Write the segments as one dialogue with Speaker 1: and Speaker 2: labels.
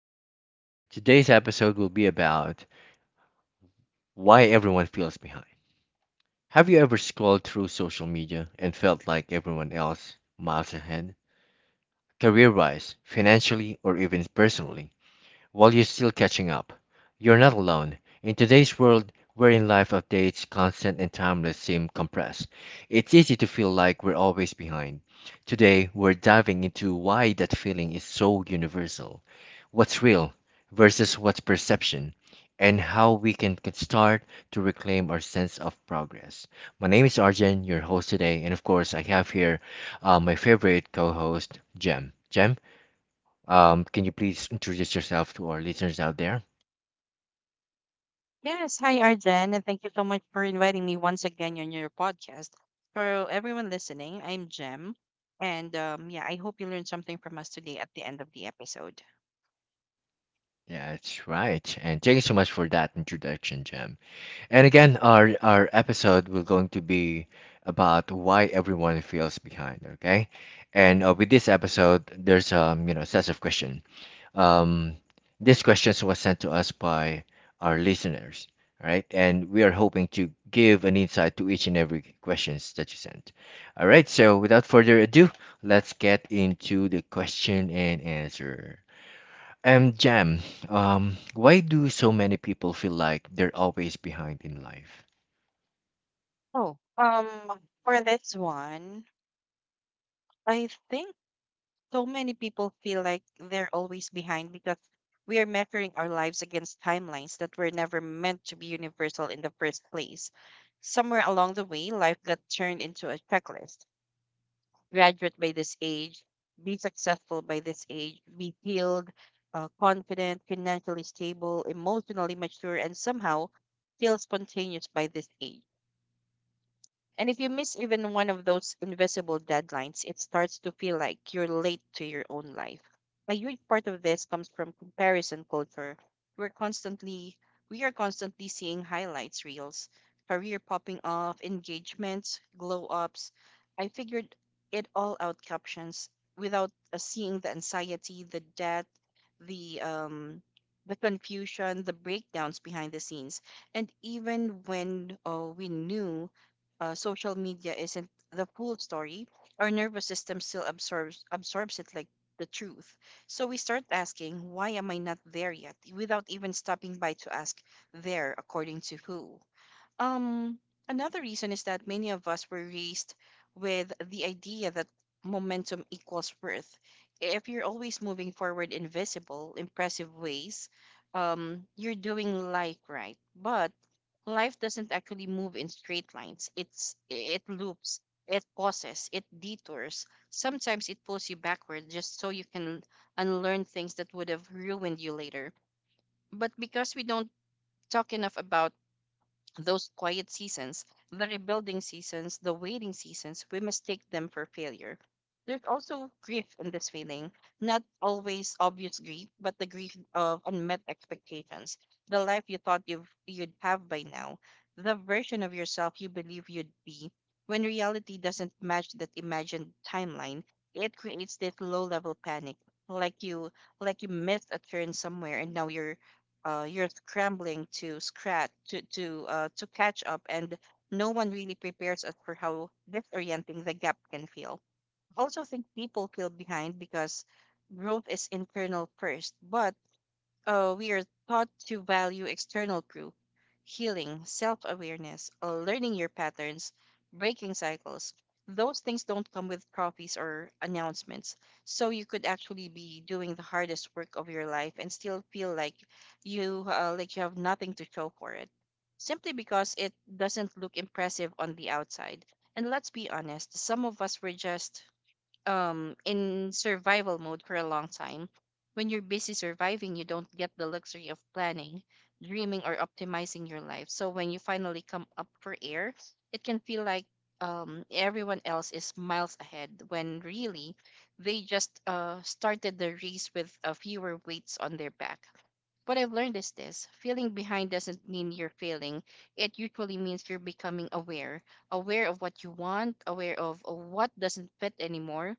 Speaker 1: podcast. Today's episode will be about why everyone feels behind. Have you ever scrolled through social media and felt like everyone else miles ahead, career wise, financially, or even personally, while you're still catching up? You're not alone. In today's world, wherein life updates, constant and timeless, seem compressed, it's easy to feel like we're always behind. Today, we're diving into why that feeling is so universal, what's real versus what's perception, and how we can start to reclaim our sense of progress. My name is Arjen, your host today, and of course, I have here my favorite co host, Jem. Jem, can you please introduce yourself to our listeners out there?
Speaker 2: Yes, hi Arjen, and thank you so much for inviting me once again on your podcast. For everyone listening, I'm Jem, and yeah, I hope you learned something from us today at the end of the episode.
Speaker 1: Yeah, that's right. And thank you so much for that introduction, Jam. And again, our episode will going to be about why everyone feels behind. Okay, and with this episode, there's sets of question. Um, this question was sent to us by our listeners, all right? And we are hoping to give an insight to each and every questions that you sent. All right, so without further ado, let's get into the question and answer. Jam, why do so many people feel like they're always behind in life?
Speaker 2: Oh, um, for this one, I think so many people feel like they're always behind because we are measuring our lives against timelines that were never meant to be universal in the first place. Somewhere along the way, life got turned into a checklist. Graduate by this age, be successful by this age, be healed, confident, financially stable, emotionally mature, and somehow still spontaneous by this age. And if you miss even one of those invisible deadlines, it starts to feel like you're late to your own life. A huge part of this comes from comparison culture. We're constantly we are constantly seeing highlights reels, career popping off, engagements, glow ups. I figured it all out captions without seeing the anxiety, the debt, the the confusion, the breakdowns behind the scenes. And even when we knew social media isn't the full story, our nervous system still absorbs it like the truth. So we start asking, why am I not there yet? Without even stopping by to ask, there according to who? Um, Another reason is that many of us were raised with the idea that momentum equals worth. If you're always moving forward in visible, impressive ways, you're doing life right. But life doesn't actually move in straight lines. It loops, it pauses, it detours. Sometimes it pulls you backward just so you can unlearn things that would have ruined you later. But because we don't talk enough about those quiet seasons, the rebuilding seasons, the waiting seasons, we mistake them for failure. There's also grief in this feeling, not always obvious grief, but the grief of unmet expectations, the life you'd have by now, the version of yourself you believe you'd be. When reality doesn't match that imagined timeline, it creates this low level panic, like you like you missed a turn somewhere and now you're scrambling to scratch to catch up, and no one really prepares us for how disorienting the gap can feel. I also think people feel behind because growth is internal first, but Oh, we are taught to value external proof, healing, self awareness, learning your patterns, breaking cycles. Those things don't come with trophies or announcements. So you could actually be doing the hardest work of your life and still feel like you have nothing to show for it, simply because it doesn't look impressive on the outside. And let's be honest, some of us were just in survival mode for a long time. When you're busy surviving, you don't get the luxury of planning, dreaming, or optimizing your life. So when you finally come up for air, it can feel like everyone else is miles ahead when really they just started the race with fewer weights on their back. What I've learned is this feeling behind doesn't mean you're failing, it usually means you're becoming aware of what you want, aware of what doesn't fit anymore,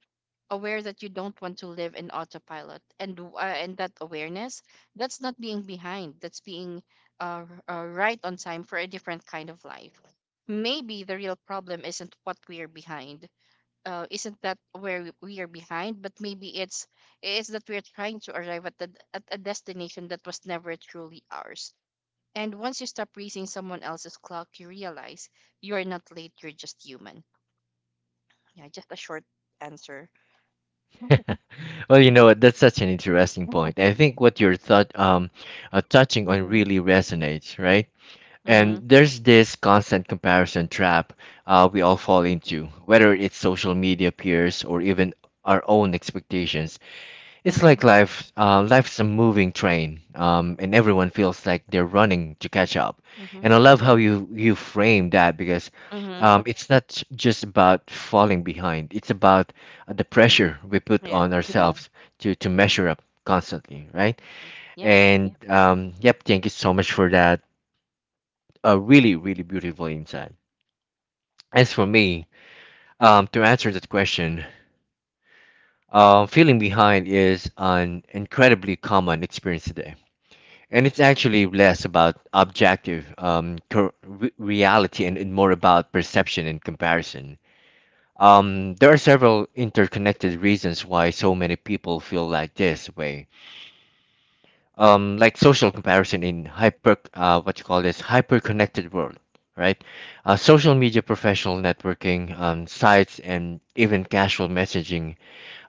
Speaker 2: aware that you don't want to live in autopilot, and that awareness, that's not being behind, that's being right on time for a different kind of life. Maybe the real problem isn't what we are behind isn't that where we are behind, but maybe it's that we're trying to arrive at, at a destination that was never truly ours. And once you stop racing someone else's clock, you realize you are not late, you're just human. Yeah, just a short answer.
Speaker 1: Well, you know what? That's such an interesting point. I think what you're thought touching on
Speaker 2: hmm.
Speaker 1: really resonates, right? And
Speaker 2: Hmm.
Speaker 1: there's this constant comparison trap we all fall into, whether it's social media peers or even our own expectations. It's like
Speaker 2: Mhm.
Speaker 1: life, life's a moving train, and everyone feels like they're running to catch up.
Speaker 2: Mhm.
Speaker 1: And I love how you frame that because
Speaker 2: Mhm.
Speaker 1: it's not just about falling behind. It's about the pressure we put on
Speaker 2: Yeah.
Speaker 1: ourselves to measure up constantly,
Speaker 2: Mm.
Speaker 1: right?
Speaker 2: Yep.
Speaker 1: And yep. Thank you so much for that really, really beautiful inside. As for me, to answer that question, feeling behind is an incredibly common experience today. And it's actually less about objective reality, and more about perception and comparison. There are several interconnected reasons why so many people feel like this way, like social comparison in hyper what you call this hyper connected world, right? Social media, professional networking sites, and even casual messaging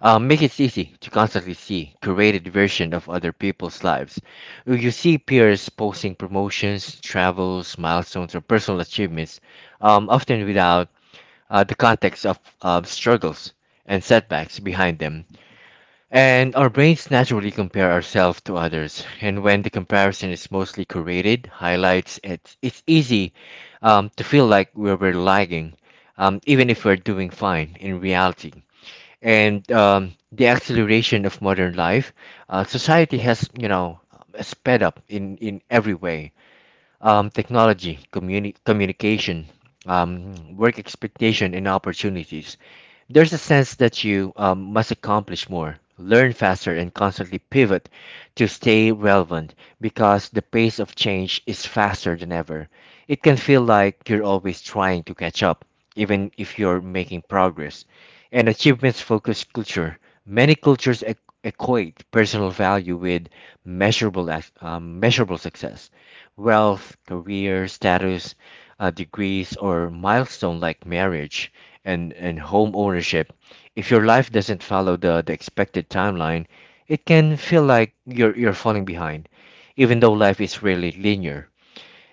Speaker 1: make it easy to constantly see curated version of other people's lives. You see peers posting promotions, travels, milestones, or personal achievements, often without the context of struggles and setbacks behind them. And our brains naturally compare ourselves to others. And when the comparison is mostly curated highlights, it's easy, to feel like we're lagging, even if we're doing fine in reality. And the acceleration of modern life, society has, you know, sped up in every way, technology, communication, work expectation, and opportunities. There's a sense that you must accomplish more, learn faster, and constantly pivot to stay relevant because the pace of change is faster than ever. It can feel like you're always trying to catch up, even if you're making progress. And achievements focused culture. Many cultures equate personal value with measurable success, wealth, career, status, degrees, or milestone like marriage and home ownership. If your life doesn't follow the expected timeline, it can feel like you're falling behind, even though life is rarely linear.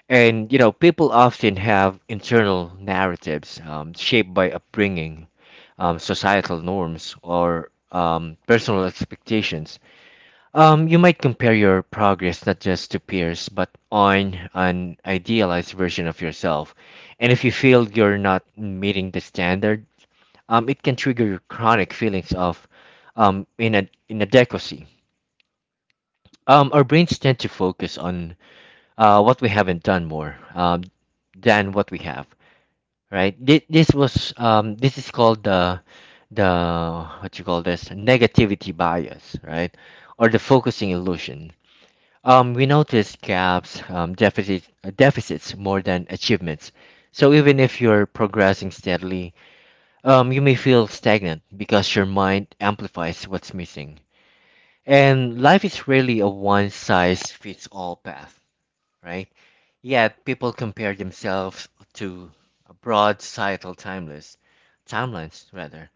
Speaker 1: And you know, people often have internal narratives shaped by upbringing, societal norms, or personal expectations. You might compare your progress not just to peers, but on an idealized version of yourself. And if you feel you're not meeting the standard, it can trigger chronic feelings of inadequacy. Our brains tend to focus on what we haven't done more, than what we have, right? This was this is called the what you call this negativity bias, right? Or the focusing illusion. We notice gaps, deficits, deficits more than achievements. So even if you're progressing steadily, you may feel stagnant because your mind amplifies what's missing. And life is really a one-size-fits-all path, right? Yet people compare themselves to a broad societal timeless timelines rather.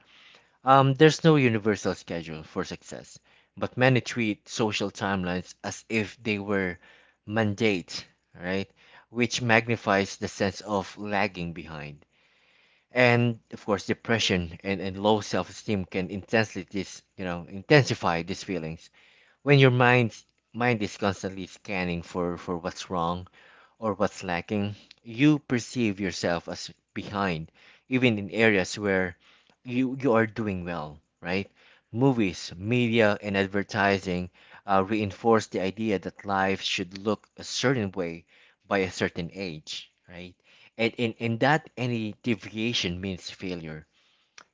Speaker 1: There's no universal schedule for success, but many treat social timelines as if they were mandate, right? Which magnifies the sense of lagging behind. And of course, depression and low self-esteem can intensely this, you know, intensify these feelings. When your mind is constantly scanning for what's wrong, or what's lacking, you perceive yourself as behind, even in areas where you are doing well, right? Movies, media, and advertising reinforce the idea that life should look a certain way by a certain age, right? And that any deviation means failure.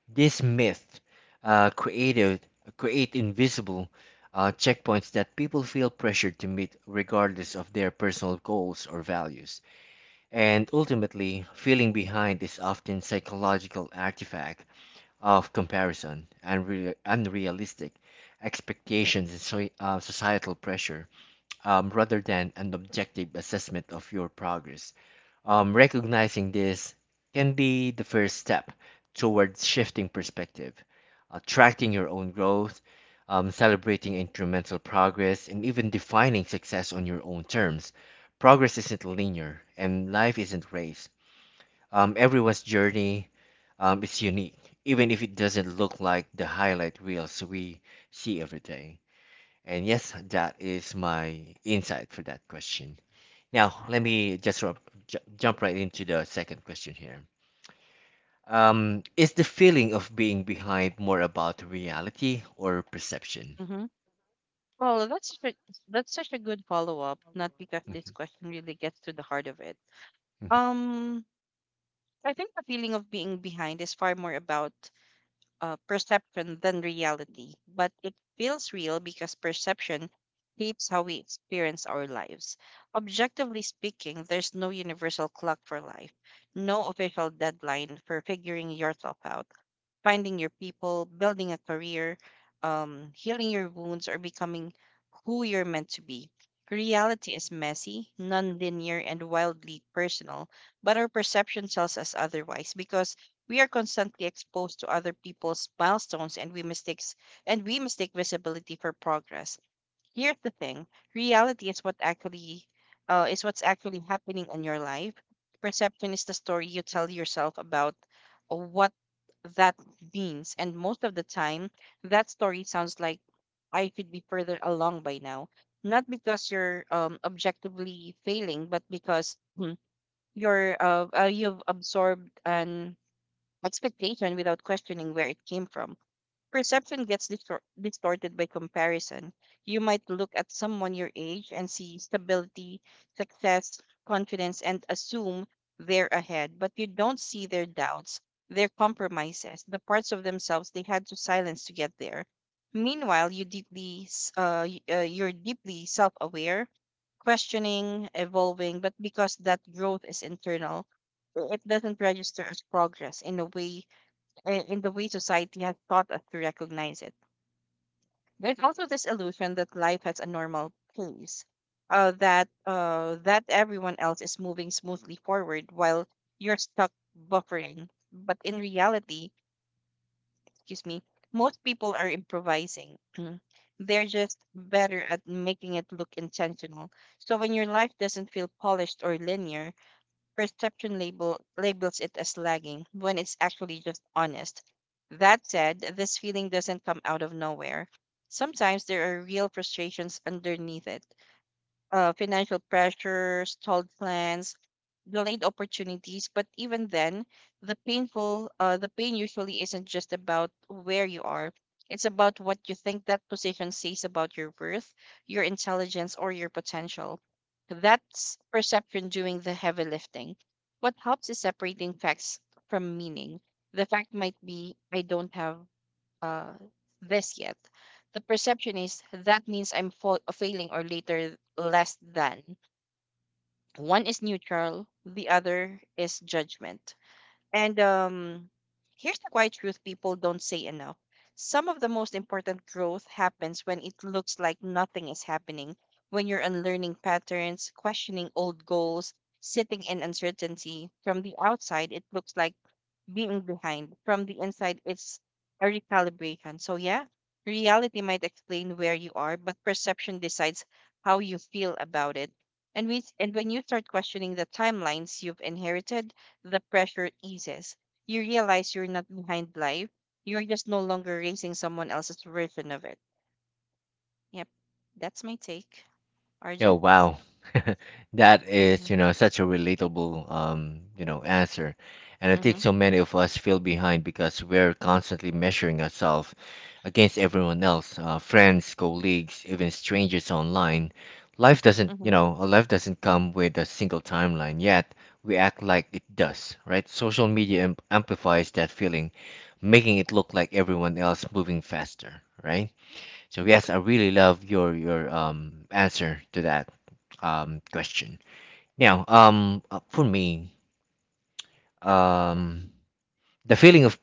Speaker 1: This myth uh, created create invisible checkpoints that people feel pressured to meet regardless of their personal goals or values. And ultimately, feeling behind is often psychological artifact of comparison, unrealistic expectations, and societal pressure, rather than an objective assessment of your progress. Recognizing this can be the first step towards shifting perspective, attracting your own growth, celebrating incremental progress, and even defining success on your own terms. Progress isn't linear, and life isn't race. Everyone's journey is unique, even if it doesn't look like the highlight reels we see every day. And yes, that is my insight for that question. Now, let me just jump right into the second question here. Is the feeling of being behind more about reality or perception?
Speaker 2: Mhm. Well, that's such a- that's such a good follow up. Not because this question really gets to the heart of it. Um, I think the feeling of being behind is far more about perception than reality, but it feels real because perception shapes how we experience our lives. Objectively speaking, there's no universal clock for life, no official deadline for figuring yourself out, finding your people, building a career, healing your wounds, or becoming who you're meant to be. Reality is messy, non linear, and wildly personal, but our perception tells us otherwise because we are constantly exposed to other people's milestones, and we mistake visibility for progress. Here's the thing. Reality is what actually is what's actually happening in your life. Perception is the story you tell yourself about what that means. And most of the time, that story sounds like, I should be further along by now. Not because you're objectively failing, but because you've absorbed an expectation without questioning where it came from. Perception gets distorted by comparison. You might look at someone your age and see stability, success, confidence, and assume they're ahead, but you don't see their doubts, their compromises, the parts of themselves they had to silence to get there. Meanwhile, you're deeply self-aware, questioning, evolving, but because that growth is internal, it doesn't register as progress in the way society has taught us to recognize it. There's also this illusion that life has a normal pace, that everyone else is moving smoothly forward while you're stuck buffering. But in reality, excuse me, most people are improvising. They're just better at making it look intentional. So when your life doesn't feel polished or linear, perception labels it as lagging when it's actually just honest. That said, this feeling doesn't come out of nowhere. Sometimes there are real frustrations underneath it. Financial pressure, stalled plans, delayed opportunities, but even then, the pain usually isn't just about where you are. It's about what you think that position says about your worth, your intelligence, or your potential. That's perception doing the heavy lifting. What helps is separating facts from meaning. The fact might be, I don't have uh, this yet. The perception is that means I'm failing or later less than. One is neutral, the other is judgment. And here's the quiet truth people don't say enough. Some of the most important growth happens when it looks like nothing is happening, when you're unlearning patterns, questioning old goals, sitting in uncertainty. From the outside, it looks like being behind. From the inside, it's a recalibration. So, yeah, reality might explain where you are, but perception decides how you feel about it. And, and when you start questioning the timelines you've inherited, the pressure eases. You realize you're not behind life. You're just no longer racing someone else's version of it. Yep. That's my take,
Speaker 1: Oh
Speaker 2: Arjun.
Speaker 1: wow. That
Speaker 2: Mm-hmm.
Speaker 1: is, you know, such a relatable you know, answer. And I think
Speaker 2: Mm-hmm.
Speaker 1: so many of us feel behind because we're constantly measuring ourselves against everyone else, friends, colleagues, even strangers online. Life doesn't,
Speaker 2: Mm-hmm.
Speaker 1: you know, life doesn't come with a single timeline, yet we act like it does, right? Social media am amplifies that feeling, making it look like everyone else moving faster, right? So yes, I really love your answer to that question. Now, for me, um the feeling of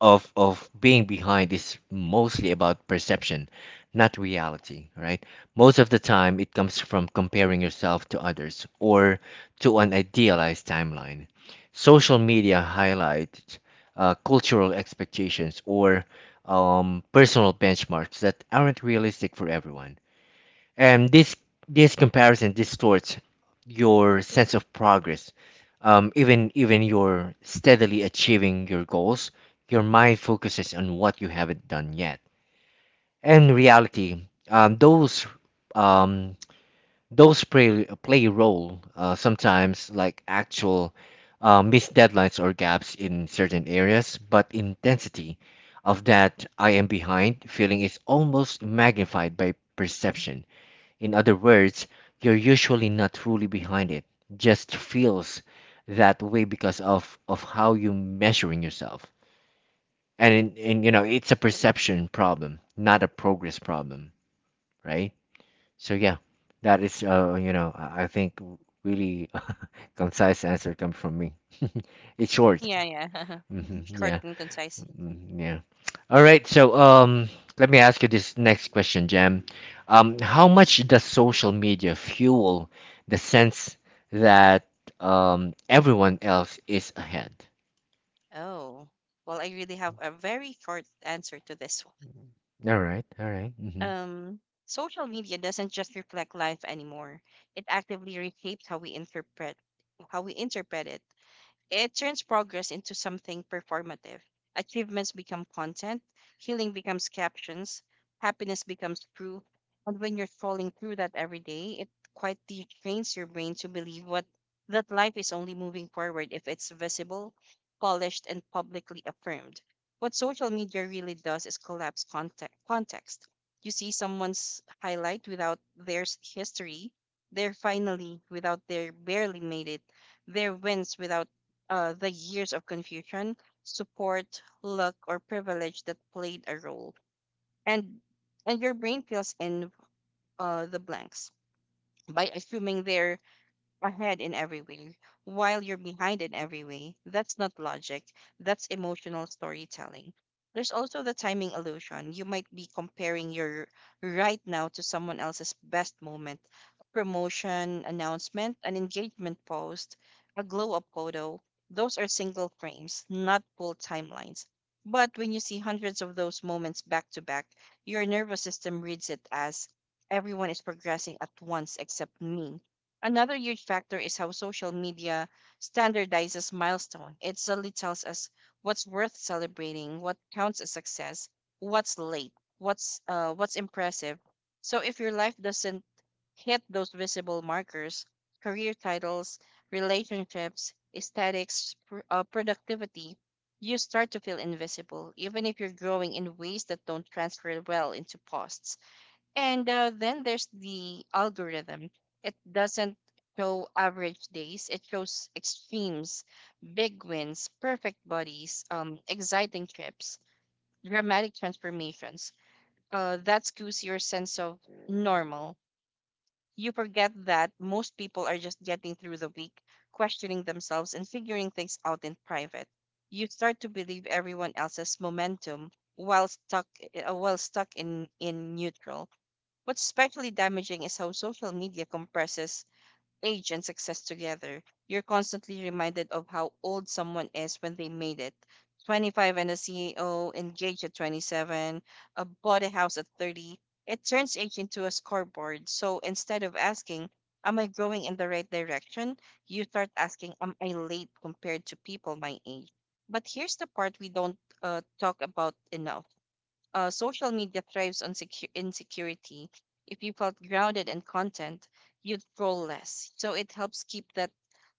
Speaker 1: of being behind is mostly about perception, not reality, right? Most of the time it comes from comparing yourself to others or to an idealized timeline. Social media highlights, cultural expectations, or personal benchmarks that aren't realistic for everyone. And this comparison distorts your sense of progress. Even you're steadily achieving your goals, your mind focuses on what you haven't done yet. In reality, um, those play a role sometimes like actual missed deadlines or gaps in certain areas, but intensity of that I am behind feeling is almost magnified by perception. In other words, you're usually not truly behind it, just feels that way because of how you're measuring yourself. You know, it's a perception problem, not a progress problem, right? So, yeah, that is, you know, I think really concise answer comes from me. It's short.
Speaker 2: Yeah, yeah.
Speaker 1: Hmm,
Speaker 2: Short
Speaker 1: yeah.
Speaker 2: and concise.
Speaker 1: Mm, yeah. All right. So, let me ask you this next question, Jam. How much does social media fuel the sense that everyone else is ahead?
Speaker 2: Oh, well, I really have a very short answer to this one.
Speaker 1: All right. All right. Mm-hmm.
Speaker 2: Um, Social media doesn't just reflect life anymore. It actively reshapes how we interpret it. It turns progress into something performative. Achievements become content, healing becomes captions, happiness becomes proof. And when you're scrolling through that every day, it quietly trains your brain to believe what that life is only moving forward if it's visible, polished, and publicly affirmed. What social media really does is collapse context. You see someone's highlight without their history, their finally without their barely made it, their wins without the years of confusion, support, luck, or privilege that played a role, and and your brain fills in the blanks by assuming they're ahead in every way while you're behind in every way. That's not logic, that's emotional storytelling. There's also the timing illusion. You might be comparing your right now to someone else's best moment, promotion, announcement, an engagement post, a glow up photo. Those are single frames, not full timelines. But when you see hundreds of those moments back to back, your nervous system reads it as, everyone is progressing at once except me. Another huge factor is how social media standardizes milestone. It suddenly tells us what's worth celebrating, what counts as success, what's late, what's impressive. So if your life doesn't hit those visible markers, career titles, relationships, aesthetics, productivity, you start to feel invisible, even if you're growing in ways that don't transfer well into posts. And then there's the algorithm. It doesn't show average days, it shows extremes, big wins, perfect bodies, exciting trips, dramatic transformations. That skews your sense of normal. You forget that most people are just getting through the week, questioning themselves and figuring things out in private. You start to believe everyone else's momentum while stuck while stuck in neutral. What's especially damaging is how social media compresses age and success together. You're constantly reminded of how old someone is when they made it. 25 and a CEO, engaged at 27, bought a house at 30. It turns age into a scoreboard. So instead of asking, am I going in the right direction? You start asking, am I late compared to people my age? But here's the part we don't talk about enough. Social media thrives on insecurity. If you felt grounded and content, you'd scroll less. So it helps keep that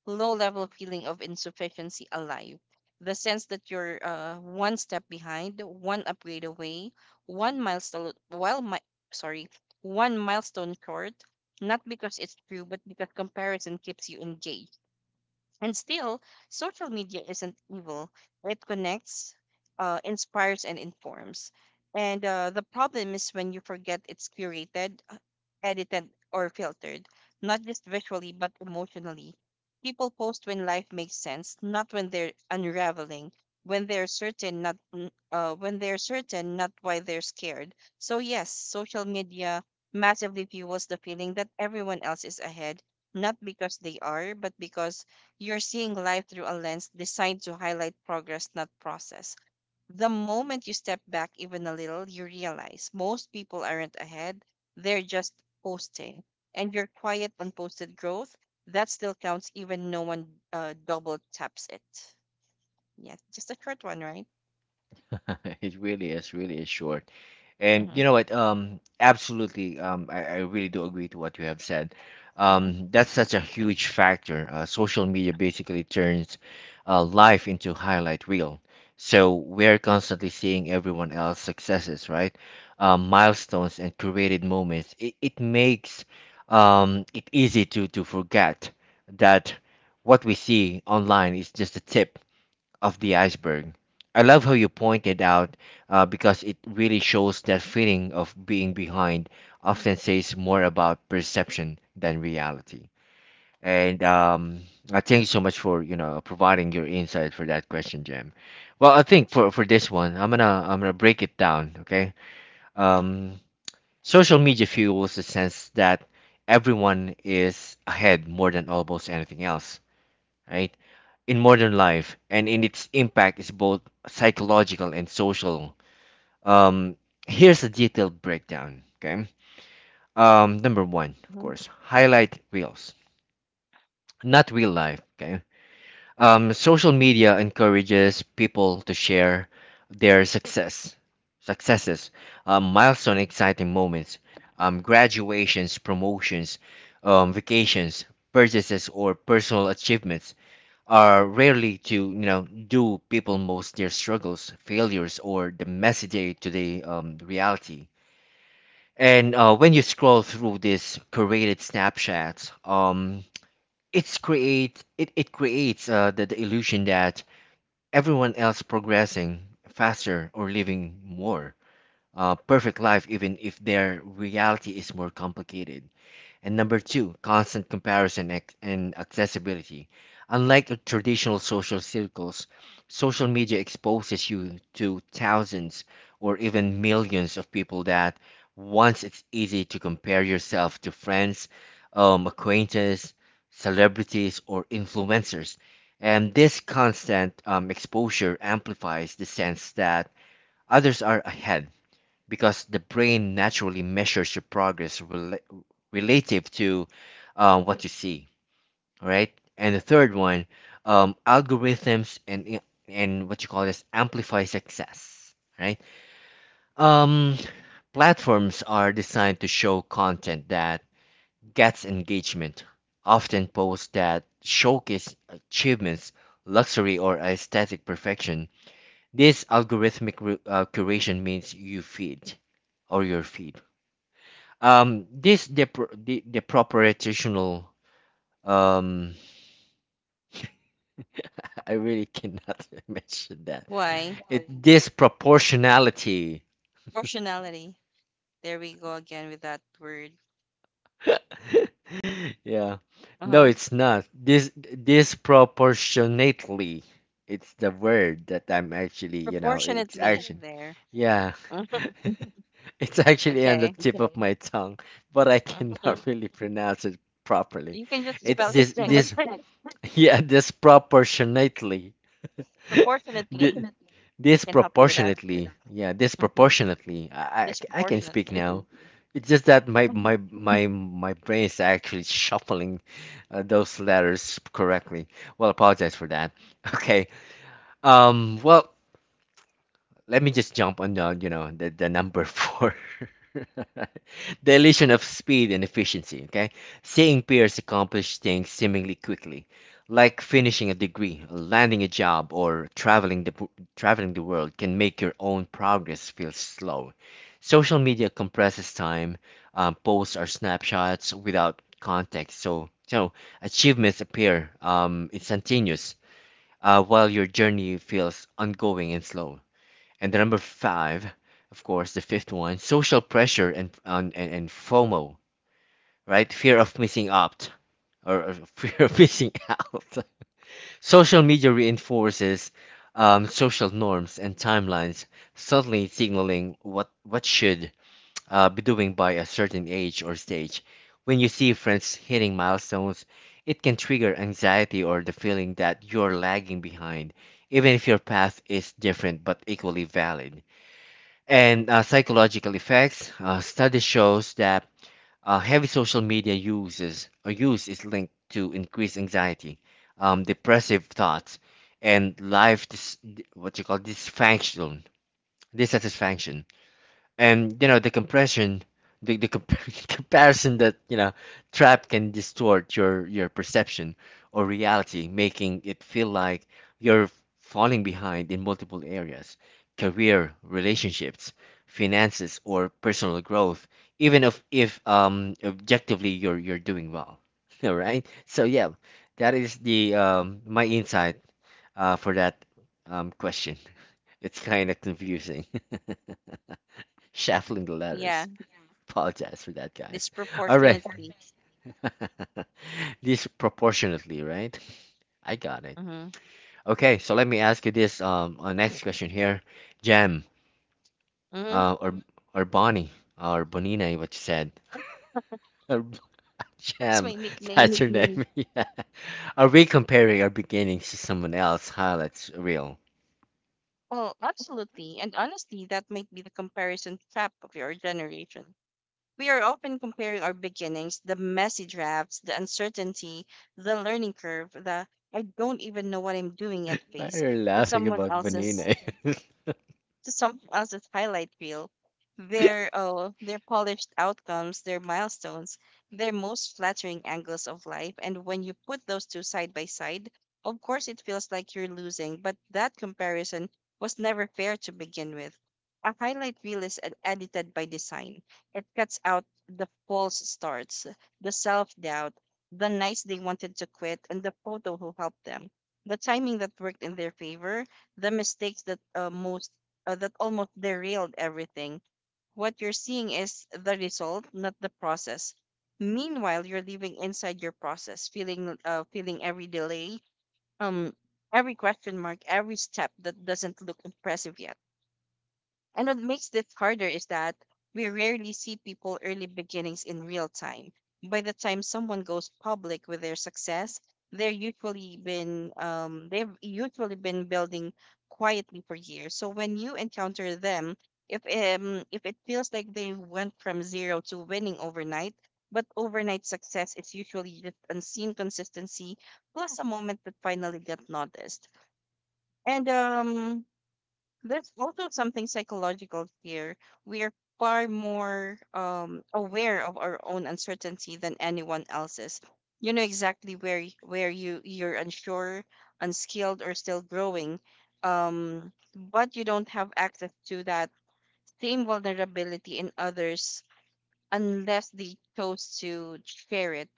Speaker 2: low level feeling of insufficiency alive. The sense that you're one step behind, one upgrade away, one milestone, well, my, sorry, one milestone short, not because it's true, but because comparison keeps you engaged. And still, social media isn't evil. It connects, inspires, and informs. And the problem is when you forget it's curated, edited, or filtered, not just visually, but emotionally. People post when life makes sense, not when they're unraveling, when they're certain, not n- when they're certain, not why they're scared. So yes, social media massively fuels the feeling that everyone else is ahead, not because they are, but because you're seeing life through a lens designed to highlight progress, not process. The moment you step back even a little, you realize most people aren't ahead, they're just posting. And your quiet, unposted growth, that still counts even no one double taps it. Yeah, just a short one, right?
Speaker 1: It really is short. And
Speaker 2: Mm-hmm,
Speaker 1: you know what? Absolutely. I really do agree to what you have said.
Speaker 2: mm-hmm,
Speaker 1: That's such a huge factor. Social media basically turns life into highlight reel. So we're constantly seeing everyone else's successes, right? Milestones and curated moments. It makes it easy to forget that what we see online is just a tip of the iceberg. I love how you pointed out because it really shows that feeling of being behind often says more about perception than reality. And I thank you so much for you know providing your insight for that question, Jam. Well, I think for this one, I'm gonna break it down. Okay. Um, social media fuels the sense that everyone is ahead more than almost anything else, right? In modern life and in its impact is both psychological and social. Um, here's a detailed breakdown. Okay. Number one, of
Speaker 2: mm-hmm.
Speaker 1: course, highlight reels, not real life. Okay. Social media encourages people to share their successes, milestone, exciting moments, graduations, promotions, vacations, purchases, or personal achievements. Are rarely to you know do people most their struggles, failures, or the messy day-to-day reality. And when you scroll through these curated snapshots, it it creates the illusion that everyone else progressing faster or living more perfect life, even if their reality is more complicated. And number two, constant comparison and accessibility. Unlike a traditional social circles, social media exposes you to thousands or even millions of people that once it's easy to compare yourself to friends, acquaintances, celebrities, or influencers. And this constant exposure amplifies the sense that others are ahead because the brain naturally measures your progress relative to what you see, right? And the third one, algorithms and what you call this amplify success, right? Um, Platforms are designed to show content that gets engagement, often posts that showcase achievements, luxury, or aesthetic perfection. This algorithmic curation means you feed or your feed, this depro- the proportional, um I really cannot mention that.
Speaker 2: Why?
Speaker 1: It disproportionality.
Speaker 2: Proportionality. There we go again with that word.
Speaker 1: Yeah. No,
Speaker 2: Uh-huh.
Speaker 1: it's not. This disproportionately. It's the word that I'm actually, you know, it's
Speaker 2: Proportionately
Speaker 1: actually
Speaker 2: there.
Speaker 1: yeah. It's actually on the
Speaker 2: Okay.
Speaker 1: tip of my tongue, but I cannot really pronounce it properly.
Speaker 2: You can just spell
Speaker 1: It's
Speaker 2: it
Speaker 1: this
Speaker 2: next
Speaker 1: this
Speaker 2: time.
Speaker 1: yeah, disproportionately. Di-
Speaker 2: Proportionately can help you with that.
Speaker 1: Disproportionately, yeah,
Speaker 2: Hmm.
Speaker 1: disproportionately. I can speak
Speaker 2: Disproportionately.
Speaker 1: now. It's just that my my my my brain is actually shuffling those letters correctly. Well, apologize for that. Okay. Well, let me just jump on the number four. The illusion of speed and efficiency, okay? Seeing peers accomplish things seemingly quickly, like finishing a degree, landing a job, or traveling the world can make your own progress feel slow. Social media compresses time. Posts are snapshots without context, so achievements appear instantaneous, while your journey feels ongoing and slow. And the number five, of course, the fifth one, social pressure and FOMO, right? Fear of missing out or fear of missing out. Social media reinforces social norms and timelines, subtly signaling what should be doing by a certain age or stage. When you see friends hitting milestones, it can trigger anxiety or the feeling that you're lagging behind, even if your path is different but equally valid. And psychological effects. Study shows that heavy social media uses or use is linked to increased anxiety, depressive thoughts, and life dis- what you call dysfunction, dissatisfaction. And you know, the compression, the, the comp- comparison that, you know, trap can distort your perception or reality, making it feel like you're falling behind in multiple areas: career, relationships, finances, or personal growth, even if objectively you're doing well. All right, so yeah, that is the my insight for that question. It's kind of confusing. Shuffling the
Speaker 2: Yeah,
Speaker 1: letters. Apologize for that, guys. All right.
Speaker 2: disproportionately.
Speaker 1: Disproportionately, right? I got it.
Speaker 2: Hmm.
Speaker 1: Okay, so let me ask you this. Next question here, Jam,
Speaker 2: Hmm.
Speaker 1: uh, or or Bonnie, or Bonina, what you said. Or
Speaker 2: That's
Speaker 1: Jam,
Speaker 2: my nickname.
Speaker 1: that's your name. Yeah. Are we comparing our beginnings to someone else? How that's real.
Speaker 2: Oh, absolutely. And honestly, that might be the comparison trap of your generation. We are often comparing our beginnings, the messy drafts, the uncertainty, the learning curve, the I don't even know what I'm doing at
Speaker 1: Why
Speaker 2: face
Speaker 1: are you
Speaker 2: to
Speaker 1: laughing
Speaker 2: someone
Speaker 1: about Bonina?
Speaker 2: else's highlight reel, their polished outcomes, their milestones, their most flattering angles of life. And when you put those two side by side, of course it feels like you're losing, but that comparison was never fair to begin with. A highlight reel is edited by design. It cuts out the false starts, the self doubt, the nights they wanted to quit, and the photo who helped them. The timing that worked in their favor, the mistakes that most that almost derailed everything. What you're seeing is the result, not the process. Meanwhile, you're living inside your process, feeling every delay, um, every question mark, every step that doesn't look impressive yet. And what makes this harder is that we rarely see people early beginnings in real time. By the time someone goes public with their success, they've usually been building quietly for years. So when you encounter them, if it feels like they went from zero to winning overnight, but overnight success is usually just unseen consistency plus a moment that finally got noticed. And there's also something psychological here. We are far more aware of our own uncertainty than anyone else's. You know exactly where you're unsure, unskilled, or still growing, but you don't have access to that same vulnerability in others unless they chose to share it.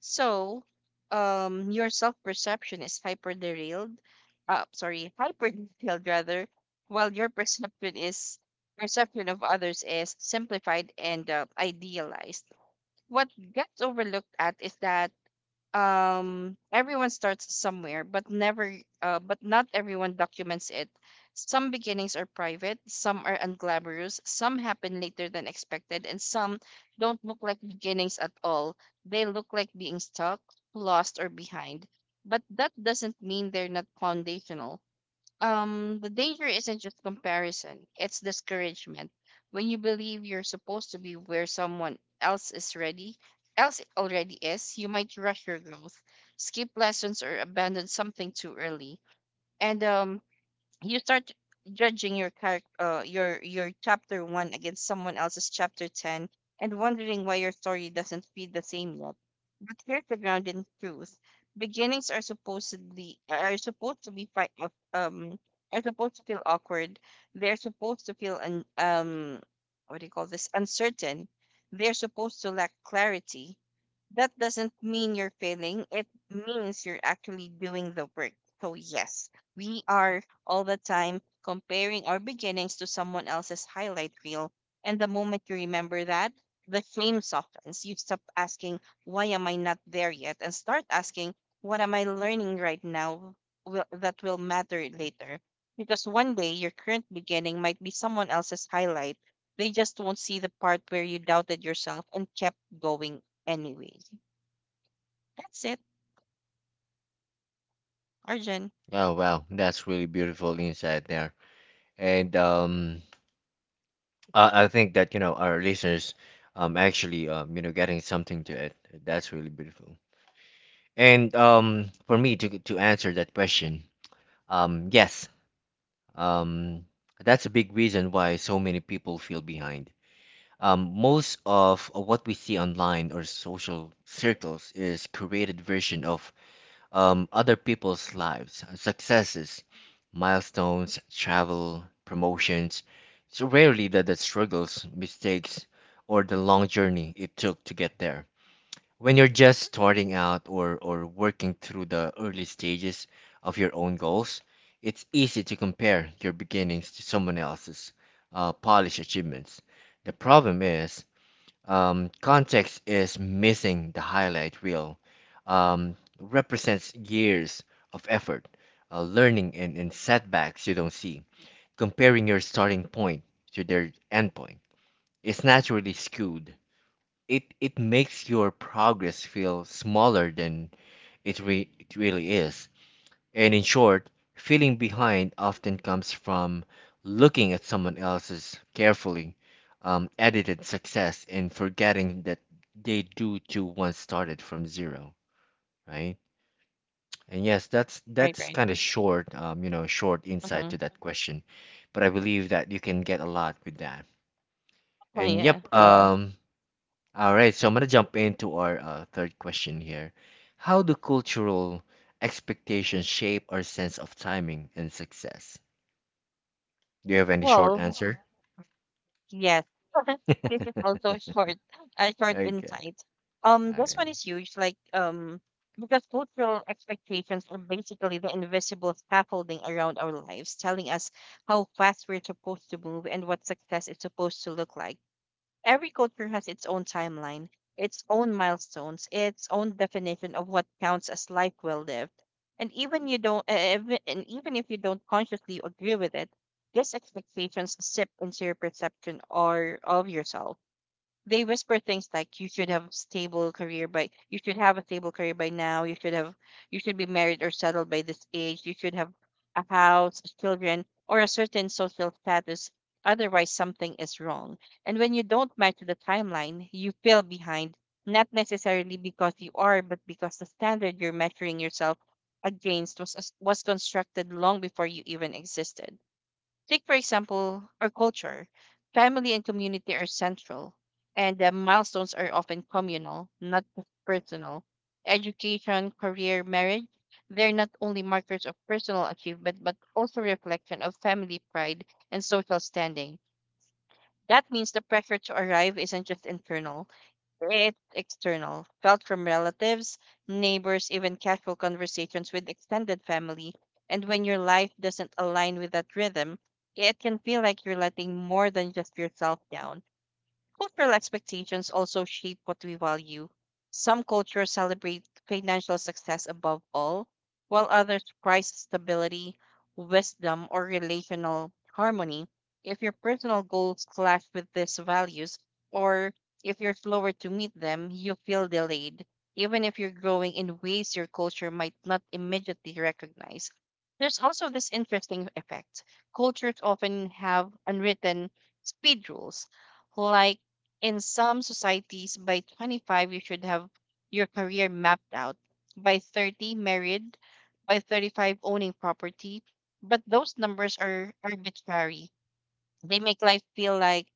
Speaker 2: So, your self perception is hyper detailed rather, while your perception is perception of others is simplified and idealized. What gets overlooked at is that everyone starts somewhere but never but not everyone documents it. Some beginnings are private, some are unglamorous, some happen later than expected, and some don't look like beginnings at all. They look like being stuck, lost, or behind, but that doesn't mean they're not foundational. The danger isn't just comparison, it's discouragement. When you believe you're supposed to be where someone else is ready else already is, you might rush your growth, skip lessons, or abandon something too early. And you start judging your chapter 1 against someone else's chapter 10 and wondering why your story doesn't feel the same yet. But here's the grounding truth: beginnings are supposed to be are supposed to feel awkward. They're supposed to feel un- what do you call this uncertain. They're supposed to lack clarity. That doesn't mean you're failing. It means you're actually doing the work. So, yes, we are all the time comparing our beginnings to someone else's highlight reel. And the moment you remember that, the shame softens. You stop asking, why am I not there yet? And start asking, what am I learning right now that will matter later? Because one day your current beginning might be someone else's highlight. They just won't see the part where you doubted yourself and kept going. Anyway, that's it. Arjun.
Speaker 1: Oh wow, that's really beautiful insight there. And. I think that, you know, our listeners actually, you know, getting something to it. That's really beautiful. And for me to answer that question, yes, um that's a big reason why so many people feel behind. Most of what we see online or social circles is created version of, other people's lives, successes, milestones, travel, promotions. It's rarely that the struggles, mistakes, or the long journey it took to get there. When you're just starting out or working through the early stages of your own goals, it's easy to compare your beginnings to someone else's polished achievements. The problem is, context is missing the highlight reel. Represents years of effort, learning, and setbacks you don't see. Comparing your starting point to their end point is naturally skewed. It makes your progress feel smaller than it really is. And in short, feeling behind often comes from looking at someone else's carefully, edited success and forgetting that they do too once started from zero, right? And yes,
Speaker 2: Right,
Speaker 1: that's
Speaker 2: right.
Speaker 1: kind of short, short insight
Speaker 2: Uh-huh.
Speaker 1: to that question, but I believe that you can get a lot with that.
Speaker 2: Oh,
Speaker 1: And
Speaker 2: yeah.
Speaker 1: yep, um, all right, so I'm gonna jump into our third question here. How do cultural expectations shape our sense of timing and success? Do you have any short
Speaker 2: Well,
Speaker 1: answer?
Speaker 2: yes. This is also a short
Speaker 1: Okay.
Speaker 2: insight.
Speaker 1: All
Speaker 2: This one
Speaker 1: right.
Speaker 2: is huge, like because cultural expectations are basically the invisible scaffolding around our lives, telling us how fast we're supposed to move and what success is supposed to look like. Every culture has its own timeline, its own milestones, its own definition of what counts as life well lived. And even if you don't consciously agree with it, these expectations sip into your perception or of yourself. They whisper things like you should have a stable career by now, you should be married or settled by this age, you should have a house, children, or a certain social status, otherwise something is wrong. And when you don't match the timeline, you feel behind, not necessarily because you are, but because the standard you're measuring yourself against was constructed long before you even existed. Take, for example, our culture. Family and community are central, and the milestones are often communal, not just personal. Education, career, marriage, they're not only markers of personal achievement, but also reflection of family pride and social standing. That means the pressure to arrive isn't just internal, it's external, felt from relatives, neighbors, even casual conversations with extended family. And when your life doesn't align with that rhythm, it can feel like you're letting more than just yourself down. Cultural expectations also shape what we value. Some cultures celebrate financial success above all, while others prize stability, wisdom, or relational harmony. If your personal goals clash with these values, or if you're slower to meet them, you feel delayed, even if you're growing in ways your culture might not immediately recognize. There's also this interesting effect. Cultures often have unwritten speed rules, like in some societies, by 25, you should have your career mapped out. By 30, married. By 35, owning property. But those numbers are arbitrary. They make life feel like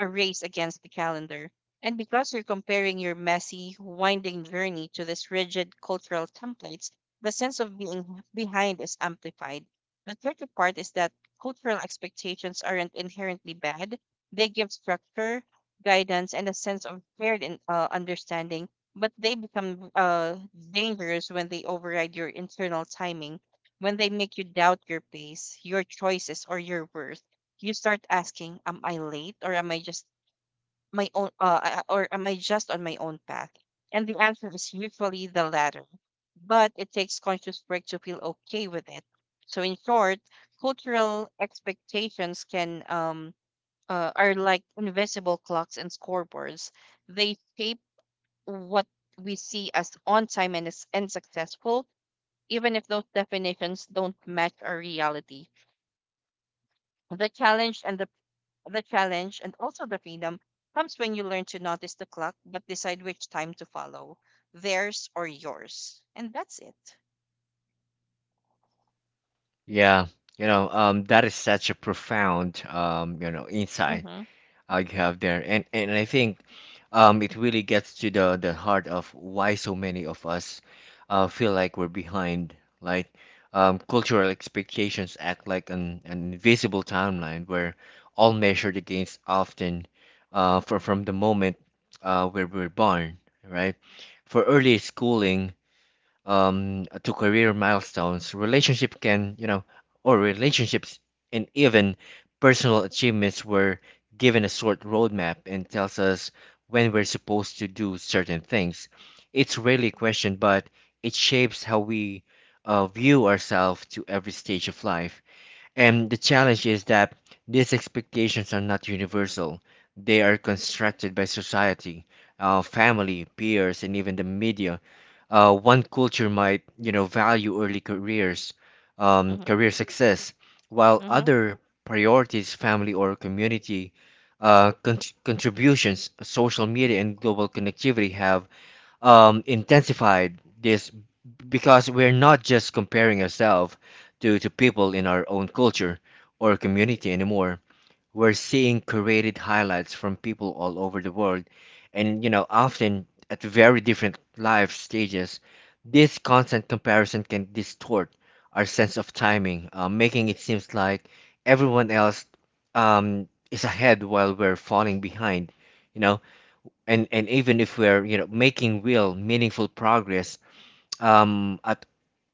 Speaker 2: a race against the calendar. And because you're comparing your messy, winding journey to this rigid cultural templates, the sense of being behind is amplified. The tricky part is that cultural expectations aren't inherently bad. They give structure, guidance, and a sense of shared understanding, but they become dangerous when they override your internal timing, when they make you doubt your pace, your choices, or your worth. You start asking, am I late, or am I just on my own path? And the answer is usually the latter. But it takes conscious work to feel okay with it. So in short, cultural expectations can are like invisible clocks and scoreboards. They shape what we see as on time and, and successful, even if those definitions don't match our reality. The challenge and the The challenge and also the freedom comes when you learn to notice the clock but decide which time to follow, theirs or yours. And that's it.
Speaker 1: Yeah. You know, that is such a profound, insight
Speaker 2: Mm-hmm,
Speaker 1: you have there, and I think, it really gets to the heart of why so many of us feel like we're behind. Like, cultural expectations act like an invisible timeline where all measured against often, for from the moment where we're born, right? For early schooling, to career milestones, relationship can, you know, or relationships, and even personal achievements were given a short roadmap and tells us when we're supposed to do certain things. It's rarely questioned, but it shapes how we view ourselves to every stage of life. And the challenge is that these expectations are not universal. They are constructed by society, family, peers, and even the media. One culture might, you know, value early careers,
Speaker 2: mm-hmm,
Speaker 1: career success, while
Speaker 2: mm-hmm.
Speaker 1: other priorities family or community uh, con- contributions. Social media and global connectivity have, intensified this, because we're not just comparing ourselves to people in our own culture or community anymore. We're seeing curated highlights from people all over the world and, you know, often at very different life stages. This constant comparison can distort our sense of timing, making it seems like everyone else, is ahead while we're falling behind, you know. And even if we're, you know, making real, meaningful progress, at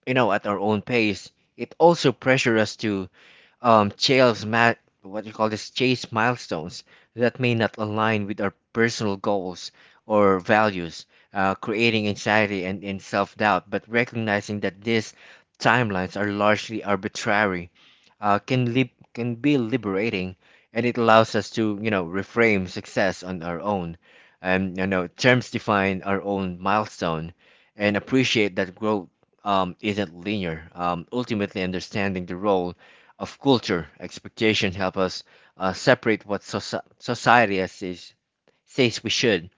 Speaker 1: you know, at our own pace, it also pressures us to, chase ma- what do you call this chase milestones that may not align with our personal goals or values, creating anxiety and self doubt. But recognizing that these timelines are largely arbitrary, can be liberating, and it allows us to, you know, reframe success on our own, and you know, terms, define our own milestone, and appreciate that growth, isn't linear. Ultimately, understanding the role of culture expectation help us separate society says we should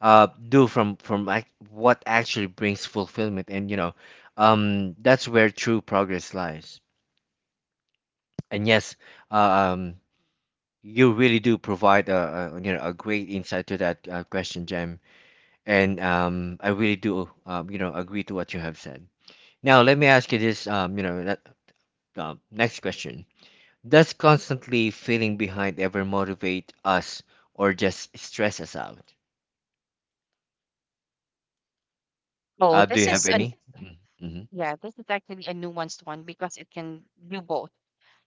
Speaker 1: do from what actually brings fulfillment, and you know, that's where true progress lies. And yes, uh, um, you really do provide a you know, a great insight to that question, Jem. And I really do, you know, agree to what you have said. Now let me ask you this, you know that, next question. Does constantly feeling behind ever motivate us or just stress us out?
Speaker 2: Oh,
Speaker 1: Do
Speaker 2: this
Speaker 1: you have
Speaker 2: is an
Speaker 1: any? Mm-hmm.
Speaker 2: yeah, this is actually a nuanced one because it can do both.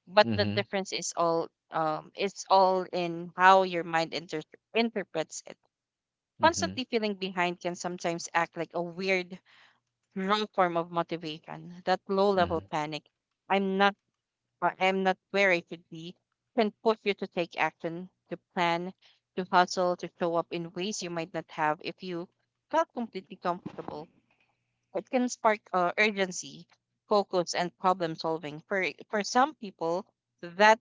Speaker 2: But the
Speaker 1: Mm-hmm.
Speaker 2: difference is all it's all in how your mind interprets it.
Speaker 1: Mm-hmm.
Speaker 2: Constantly feeling behind can sometimes act like a weird raw form of motivation, that low level
Speaker 1: Hmm.
Speaker 2: panic. I'm not I'm not where I should be can push you to take action, to plan, to hustle, to show up in ways you might not have if you felt completely comfortable. It can spark urgency, focus, and problem solving. For some people, that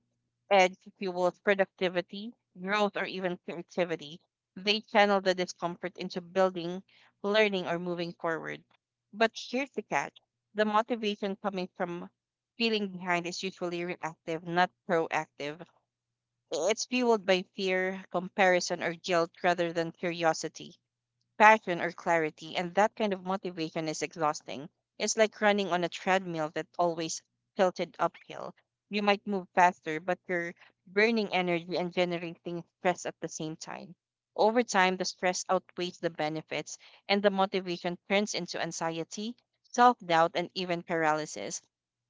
Speaker 2: edge fuels productivity, growth, or even creativity. They channel the discomfort into building, learning, or moving forward. But here's the catch: the motivation coming from feeling behind is usually reactive, not proactive. It's fueled by fear, comparison, or guilt rather than curiosity passion or clarity, and that kind of motivation is exhausting. It's like running on a treadmill that always tilted uphill. You might move faster, but you're burning energy and generating stress at the same time. Over time, the stress outweighs the benefits, and the motivation turns into anxiety, self doubt, and even paralysis.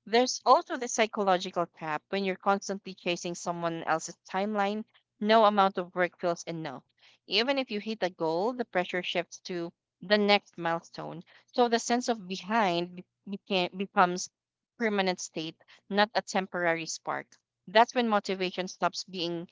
Speaker 2: There's also the psychological trap when you're constantly chasing someone else's timeline, no amount of work feels enough even if you hit a goal, the pressure shifts to the next milestone. So the sense of behind becomes permanent state, not a temporary spark. That's when motivation stops being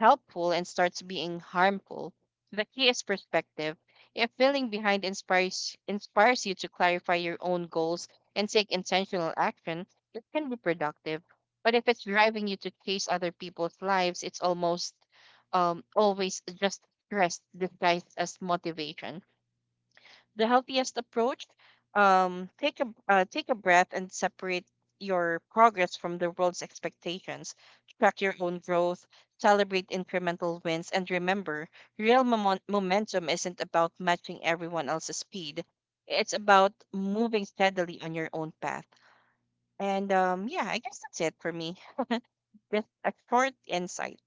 Speaker 2: helpful and starts being harmful. The key is perspective. If feeling behind inspires you to clarify your own goals and take intentional action, it can be productive. But if it's driving you to chase other people's lives, it's almost always just stress disguised as motivation. The healthiest approach, take a take a breath and separate your progress from the world's expectations. Track your own growth, celebrate incremental wins, and remember, real momentum isn't about matching everyone else's speed. It's about moving steadily on your own path. And yeah, I guess that's it for me. Just a short insight.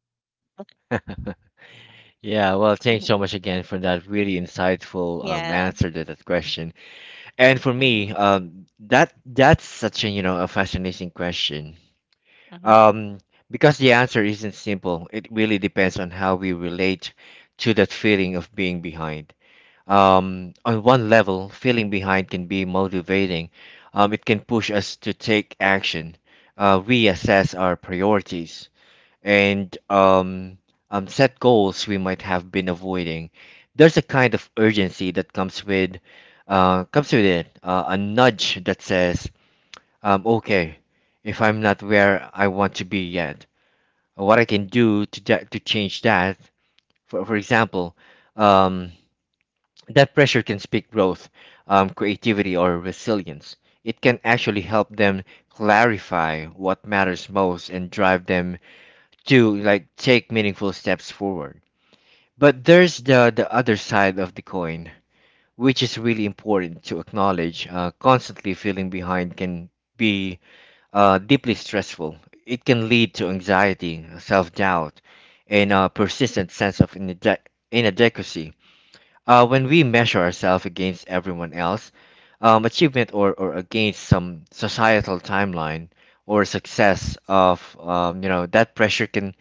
Speaker 1: Yeah, well, thanks so
Speaker 2: Mhm.
Speaker 1: much again for that really insightful,
Speaker 2: Yeah.
Speaker 1: answer to that question. And for me,
Speaker 2: Mm-hmm.
Speaker 1: that that's such a, you know, a fascinating question.
Speaker 2: Mm-hmm.
Speaker 1: Um, because the answer isn't simple. It really depends on how we relate to that feeling of being behind. On one level, feeling behind can be motivating. It can push us to take action, reassess our priorities, and set goals we might have been avoiding. There's a kind of urgency that comes with, comes with it, a nudge that says, "Okay, if I'm not where I want to be yet, what I can do to that, to change that." For example, um, that pressure can speak growth, creativity, or resilience. It can actually help them clarify what matters most and drive them to like take meaningful steps forward. But there's the other side of the coin, which is really important to acknowledge. Constantly feeling behind can be, deeply stressful. It can lead to anxiety, self doubt, and a persistent sense of inadequacy. When we measure ourselves against everyone else, achievement or against some societal timeline or success of, you know, that pressure can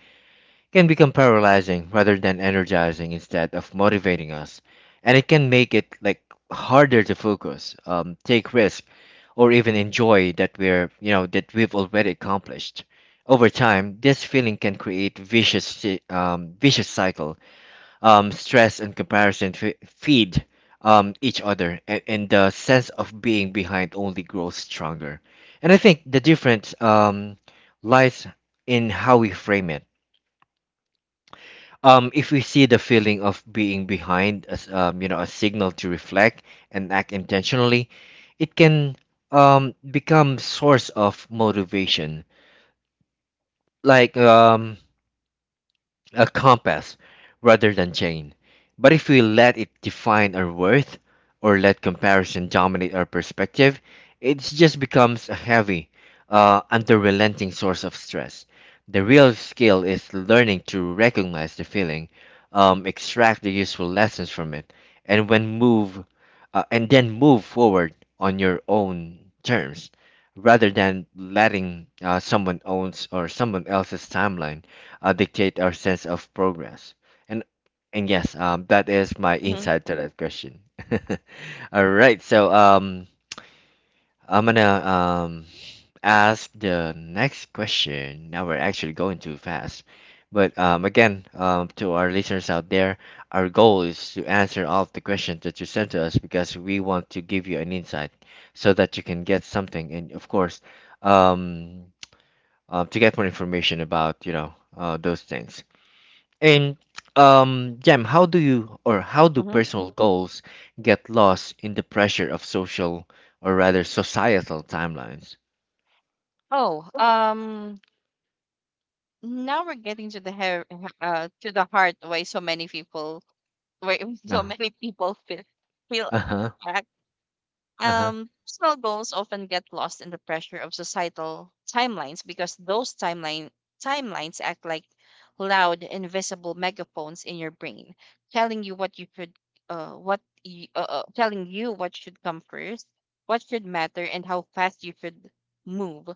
Speaker 1: can become paralyzing rather than energizing instead of motivating us, and it can make it like harder to focus, take risk, or even enjoy that we're you know that we've already accomplished. Over time, this feeling can create vicious cycle. Stress and comparison feed, each other, and the sense of being behind only grows stronger. And I think the difference, lies in how we frame it. If we see the feeling of being behind as, you know, a signal to reflect and act intentionally, it can, become source of motivation. Like a compass rather than chain. But if we let it define our worth or let comparison dominate our perspective, it just becomes a heavy, unrelenting source of stress. The real skill is learning to recognize the feeling, extract the useful lessons from it, and when move, and then move forward on your own terms, rather than letting someone owns or someone else's timeline dictate our sense of progress. And and yes, that is my
Speaker 2: Mm-hmm.
Speaker 1: insight to that question. All right, so I'm gonna ask the next question. Now we're actually going too fast, but again, to our listeners out there, our goal is to answer all of the questions that you sent to us because we want to give you an insight so that you can get something, and of course, um, to get more information about those things. And Jam, how do you or how do
Speaker 2: Mm-hmm.
Speaker 1: personal goals get lost in the pressure of social or rather societal timelines?
Speaker 2: Oh, um, Now we're getting to the hair, to the heart why so many people why so
Speaker 1: Oh,
Speaker 2: many people feel
Speaker 1: uh-huh,
Speaker 2: back.
Speaker 1: uh-huh.
Speaker 2: Personal goals often get lost in the pressure of societal timelines because those timelines act like loud, invisible megaphones in your brain, telling you what you telling you what should come first, what should matter, and how fast you should move.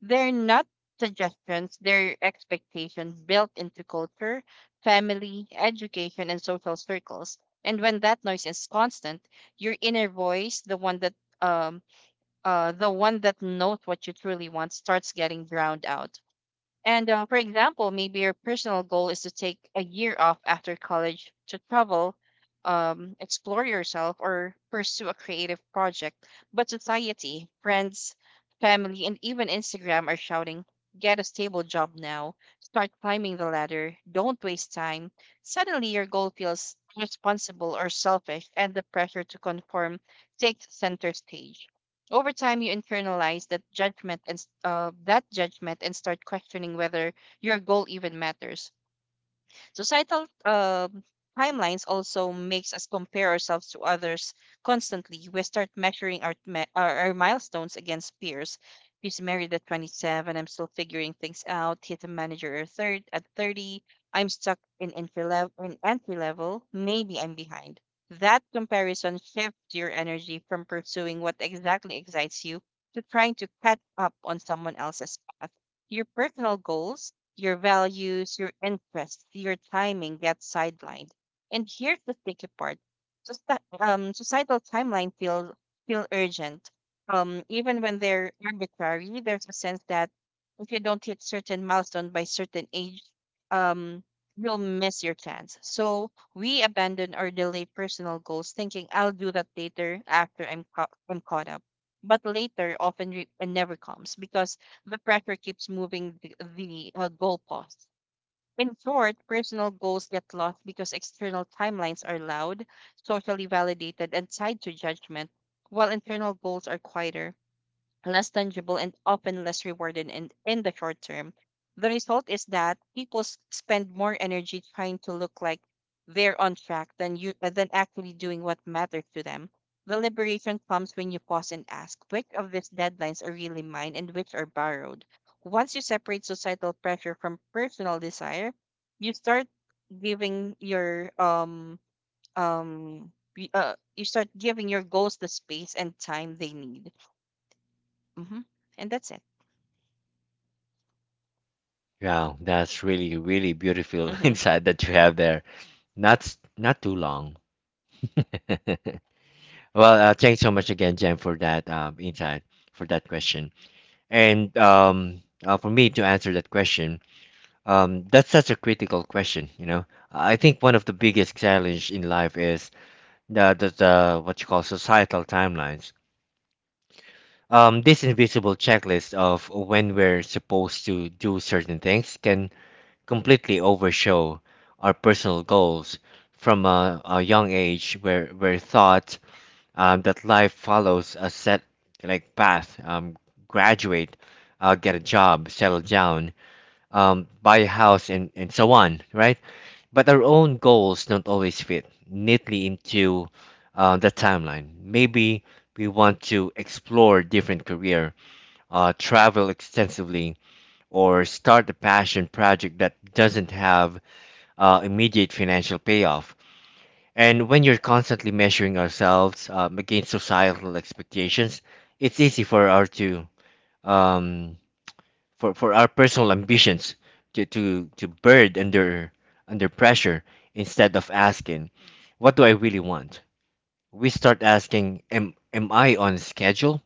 Speaker 2: They're not suggestions, they're expectations built into culture, family, education, and social circles. And when that noise is constant, your inner voice, um the one that knows what you truly want, starts getting drowned out. And for example, maybe your personal goal is to take a year off after college to travel, explore yourself, or pursue a creative project. But society, friends, family, and even Instagram are shouting, get a stable job now, start climbing the ladder, don't waste time. Suddenly, your goal feels irresponsible or selfish, and the pressure to conform takes center stage. Over time, you internalize that judgment and start questioning whether your goal even matters. So societal timelines also makes us compare ourselves to others constantly. We start measuring our, me- our milestones against peers. He's married at 27. I'm still figuring things out. He's a manager at third at 30. I'm stuck in entry level. In entry level, maybe I'm behind. That comparison shifts your energy from pursuing what exactly excites you to trying to catch up on someone else's path. Your personal goals, your values, your interests, your timing gets sidelined. And here's the tricky part: societal timeline feel urgent. Even when they're arbitrary, there's a sense that if you don't hit certain milestone by certain age, um, you'll miss your chance. So we abandon or delay personal goals, thinking I'll do that later after I'm caught up. But later never comes because the pressure keeps moving the goalposts. In short, personal goals get lost because external timelines are loud, socially validated, and tied to judgment, while internal goals are quieter less tangible and often less rewarding, in the short term. The result is that people spend more energy trying to look like they're on track than you than actually doing what matters to them. The liberation comes when you pause and ask which of these deadlines are really mine and which are borrowed. Once you separate societal pressure from personal desire, you start giving your um um you start giving your goals the space and time they need. hmm And that's it.
Speaker 1: Wow, that's really, really beautiful
Speaker 2: Mm-hmm.
Speaker 1: insight that you have there. Not too long. Well, thanks so much again, Jen, for that insight, for that question. And For me to answer that question, that's such a critical question, you know. I think one of the biggest challenge in life is the what you call societal timelines. This invisible checklist of when we're supposed to do certain things can completely overshow our personal goals from a young age where we're taught that life follows a set like path, graduate, get a job, settle down, buy a house, and so on, right? But our own goals don't always fit neatly into the timeline. Maybe we want to explore different career, travel extensively, or start a passion project that doesn't have immediate financial payoff. And when you're constantly measuring ourselves against societal expectations, it's easy for our to um, for, our personal ambitions to bird under under pressure instead of asking, what do I really want? We start asking, am I on schedule?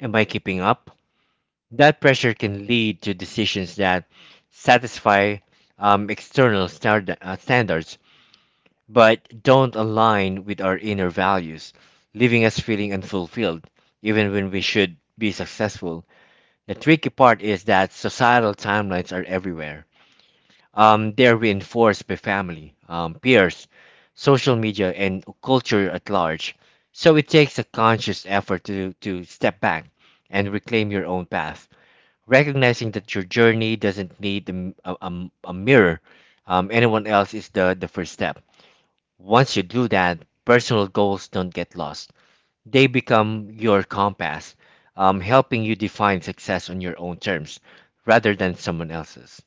Speaker 1: Am I keeping up? That pressure can lead to decisions that satisfy standards but don't align with our inner values, leaving us feeling unfulfilled even when we should be successful. The tricky part is that societal timelines are everywhere. They are reinforced by family, peers, social media, and culture at large. So it takes a conscious effort to step back and reclaim your own path, recognizing that your journey doesn't need a mirror. Anyone else is the first step. Once you do that, personal goals don't get lost. They become your compass, helping you define success on your own terms rather than someone else's.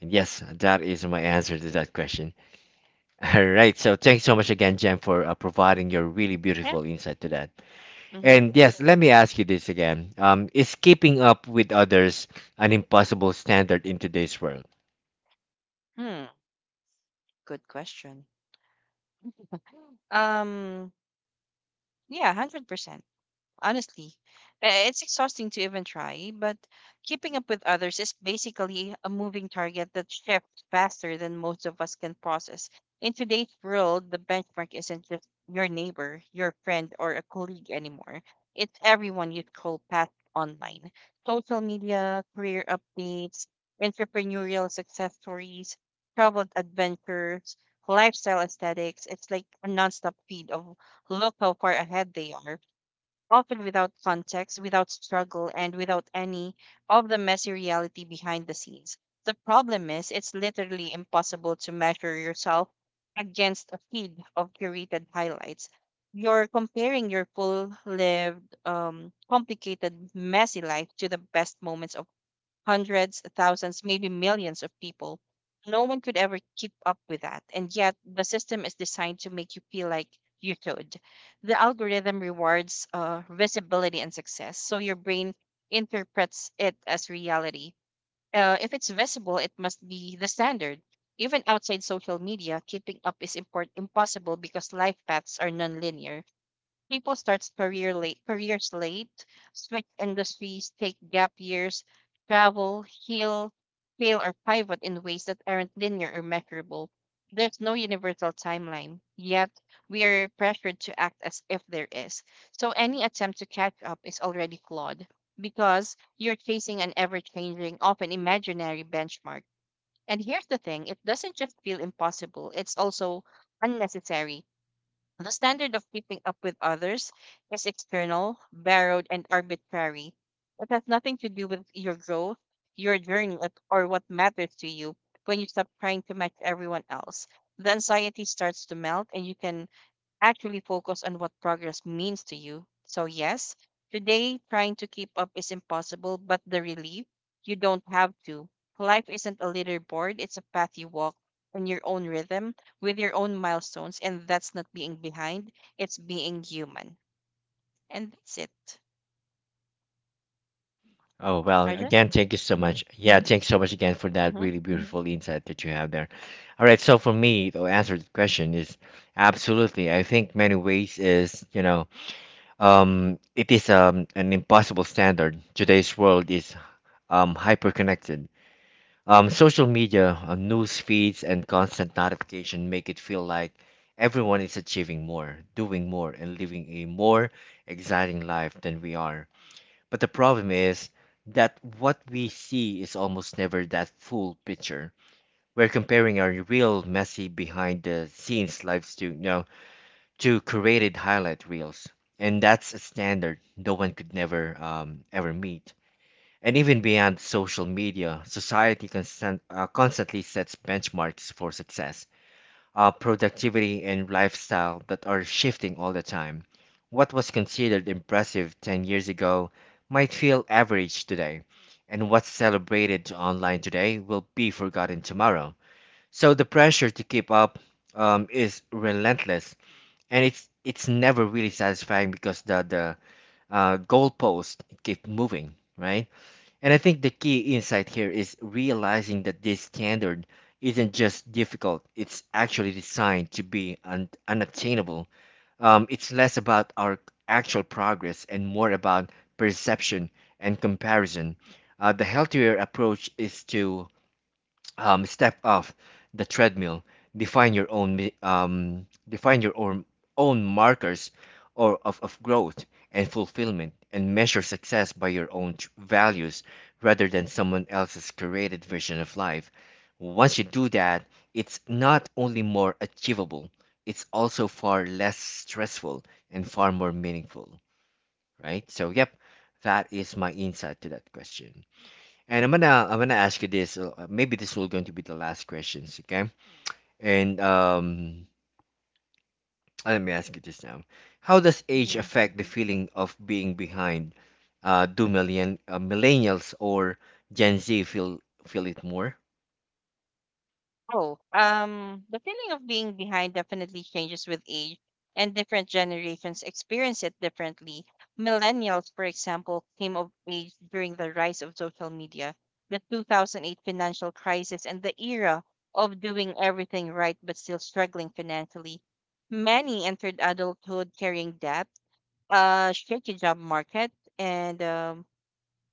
Speaker 1: And yes, that is my answer to that question. All right, so thanks so much again, Jen, for providing your really
Speaker 2: Yeah.
Speaker 1: beautiful insight to that.
Speaker 2: Mm-hmm.
Speaker 1: And yes, let me ask you this again. Is keeping up with others an impossible standard in today's world?
Speaker 2: Hmm. Good question. Um. Yeah. 100%. Honestly. It's exhausting to even try, but keeping up with others is basically a moving target that shifts faster than most of us can process. In today's world, the benchmark isn't just your neighbor, your friend, or a colleague anymore. It's everyone you scroll past online. Social media, career updates, entrepreneurial success stories, travel adventures, lifestyle aesthetics. It's like a nonstop feed of look how far ahead they are often without context, without struggle, and without any of the messy reality behind the scenes. The problem is, it's literally impossible to measure yourself against a feed of curated highlights. You're comparing your full lived, complicated, messy life to the best moments of hundreds, thousands, maybe millions of people. No one could ever keep up with that. And yet, the system is designed to make you feel like you should. The algorithm rewards visibility and success. So your brain interprets it as reality. If it's visible, it must be the standard. Even outside social media, keeping up is impossible because life paths are nonlinear. People starts career late, careers late, switch industries, take gap years, travel, heal, fail, or pivot in ways that aren't linear or measurable. There's no universal timeline, yet we are pressured to act as if there is. So any attempt to catch up is already flawed because you're chasing an ever changing, often imaginary benchmark. And here's the thing it doesn't just feel impossible, it's also unnecessary. The standard of keeping up with others is external, borrowed, and arbitrary. It has nothing to do with your growth, your journey, or what matters to you when you stop trying to match everyone else. The anxiety starts to melt, and you can actually focus on what progress means to you. So, yes, today trying to keep up is impossible, but the relief, you don't have to. Life isn't a leaderboard, it's a path you walk on your own rhythm with your own milestones, and that's not being behind, it's being human. And that's it.
Speaker 1: Oh, well,
Speaker 2: Arjun?
Speaker 1: again, thank you so
Speaker 2: Mm-hmm.
Speaker 1: much. Yeah, thanks so much again for that really beautiful insight that you have there. All right, so for me, to answer the question is absolutely. I think many ways is, you know, it is an impossible standard. Today's world is hyperconnected. Social media, news feeds, and constant notification make it feel like everyone is achieving more, doing more, and living a more exciting life than we are. But the problem is that what we see is almost never that full picture. We're comparing our real messy behind the scenes lives to, you know, to curated highlight reels. And that's a standard no one could never ever meet. And even beyond social media, constantly sets benchmarks for success, productivity, and lifestyle that are shifting all the time. What was considered impressive 10 years ago might feel average today, and what's celebrated online today will be forgotten tomorrow. So the pressure to keep up is relentless and it's never really satisfying because the goalpost keep moving, right? And I think the key insight here is realizing that this standard isn't just difficult; it's actually designed to be unattainable. It's less about our actual progress and more about perception and comparison. The healthier approach is to step off the treadmill, define your own own markers or of growth and fulfillment and measure success by your own values rather than someone else's created version of life. Once you do that, it's not only more achievable, it's also far less stressful and far more meaningful, right? So, yep, that is my insight to that question. And I'm gonna ask you this. Maybe this will going to be the last questions, okay? And let me ask you this now. How does age
Speaker 2: Mm-hmm.
Speaker 1: affect the feeling of being behind? Do millennials or Gen Z feel it more?
Speaker 2: Oh, the feeling of being behind definitely changes with age, and different generations experience it differently. Millennials, for example, came of age during the rise of social media, the 2008 financial crisis, and the era of doing everything right but still struggling financially. Many entered adulthood carrying debt, a shaky job market, and um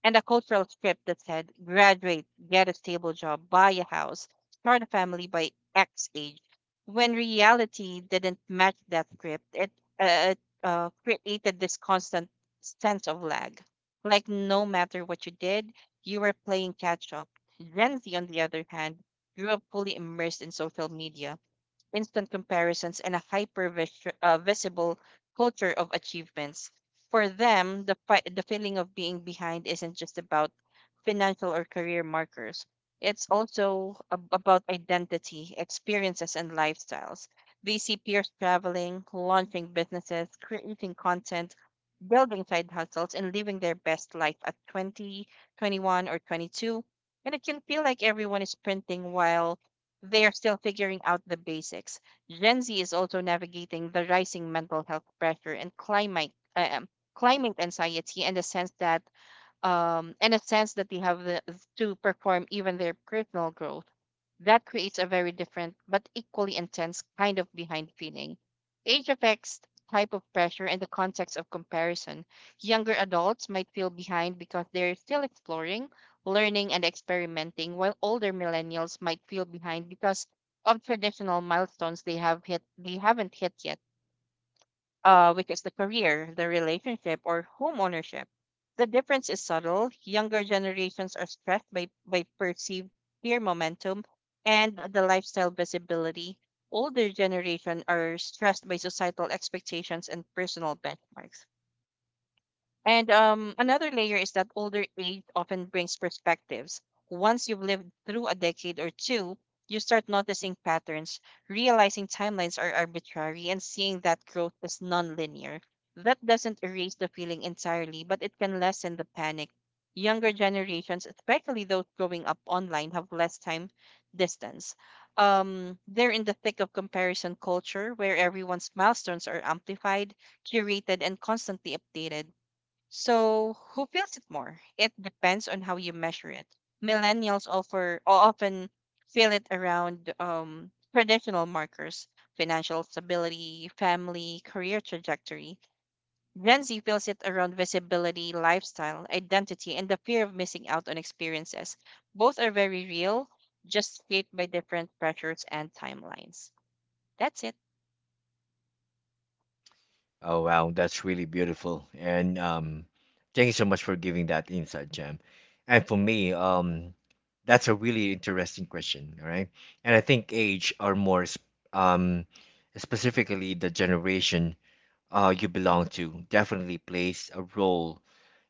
Speaker 2: and a cultural script that said graduate, get a stable job, buy a house, start a family by X age. When reality didn't match that script, it uh, created this constant sense of lag. Like no matter what you did, you were playing catch up. Gen Z, on the other hand, grew up fully immersed in social media instant comparisons, and a hyper visible culture of achievements. For them, the feeling of being behind isn't just about financial or career markers, it's also about identity, experiences, and lifestyles. They see peers traveling, launching businesses, creating content, building side hustles, and living their best life at 20, 21, or 22, and it can feel like everyone is sprinting while they are still figuring out the basics. Gen Z is also navigating the rising mental health pressure and climate climate anxiety and the sense that and a sense that they have the, to perform even their personal growth. That creates a very different but equally intense kind of behind feeling. Age affects type of pressure and the context of comparison. Younger adults might feel behind because they're still exploring, learning, and experimenting, while older millennials might feel behind because of traditional milestones they haven't hit yet, which is the career, the relationship, or home ownership. The difference is subtle. Younger generations are stressed by perceived peer momentum and the lifestyle visibility. Older generation are stressed by societal expectations and personal benchmarks. And another layer is that older age often brings perspectives. Once you've lived through a decade or two, you start noticing patterns, realizing timelines are arbitrary, and seeing that growth is nonlinear. That doesn't erase the feeling entirely, but it can lessen the panic. Younger generations, especially those growing up online, have less time distance. They're in the thick of comparison culture where everyone's milestones are amplified, curated, and constantly updated. So, who feels it more? It depends on how you measure it. Millennials offer often feel it around traditional markers, financial stability, family, career trajectory. Gen Z feels it around visibility, lifestyle, identity, and the fear of missing out on experiences. Both are very real, just shaped by different pressures and timelines. That's it.
Speaker 1: Oh wow, that's really beautiful. And thank you so much for giving that insight, Jam. And for me, that's a really interesting question. All right, and I think age are um, specifically the generation you belong to definitely plays a role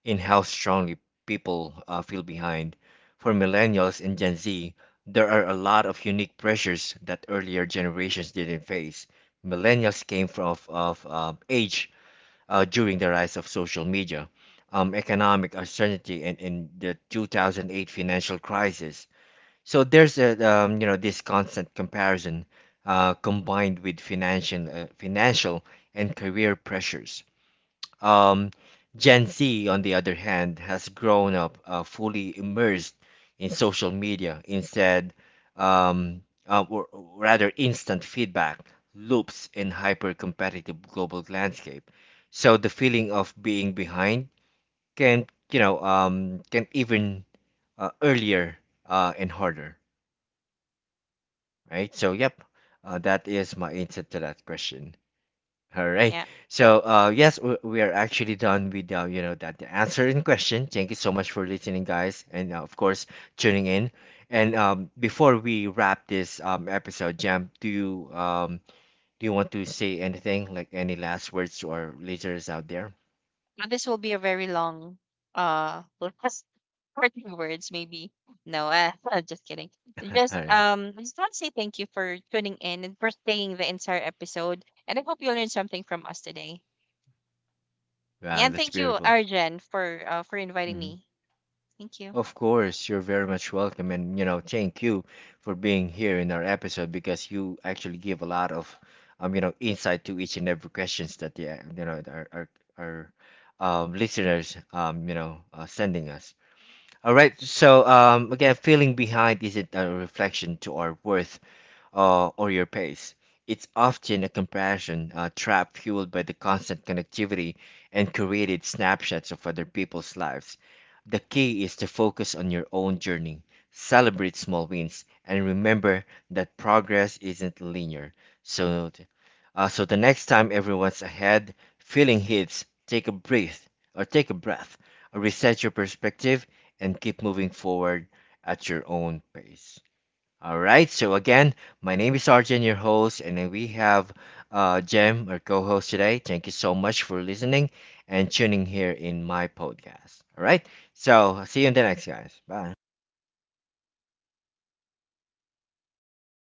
Speaker 1: in how strongly people feel behind. For millennials and Gen Z, there are a lot of unique pressures that earlier generations didn't face. Millennials came from age during the rise of social media, economic uncertainty, and the 2008 financial crisis. So there's a you know this constant comparison combined with financial and career pressures. Um, Gen Z, on the other hand, has grown up fully immersed in social media instead, or rather, instant feedback loops in hyper-competitive global landscape. So the feeling of being behind can, you know, can even earlier and harder, right? So, yep, that is my answer to that question. All right.
Speaker 2: Yeah.
Speaker 1: So, yes, we are actually done with you know that the answer in question. Thank you so much for listening, guys, and of course tuning in. And before we wrap this episode, Jam, do you want to say anything, like any last words to our listeners out there?
Speaker 2: But this will be a very long last 40 words maybe. No, just kidding. Just
Speaker 1: All right.
Speaker 2: I just want to say thank you for tuning in and for staying the entire episode. And I hope you learned something from us today. Yeah,
Speaker 1: Wow,
Speaker 2: and
Speaker 1: that's
Speaker 2: thank you,
Speaker 1: beautiful.
Speaker 2: Arjen, for inviting
Speaker 1: Mhm.
Speaker 2: me. Thank you.
Speaker 1: Of course, you're very much welcome, and you know, thank you for being here in our episode because you actually give a lot of, you know, insight to each and every questions that the you know our listeners, you know, sending us. All right, so again, feeling behind isn't a reflection to our worth or your pace. It's often a comparison trap fueled by the constant connectivity and curated snapshots of other people's lives. The key is to focus on your own journey, celebrate small wins, and remember that progress isn't linear. So, th- so the next time everyone's ahead, feeling hits, take a breath, reset your perspective, and keep moving forward at your own pace. All right. So again, my name is Arjun, your host, and then we have Jem, our co-host today. Thank you so much for listening and tuning here in my podcast. All right. So see you in the next, guys. Bye.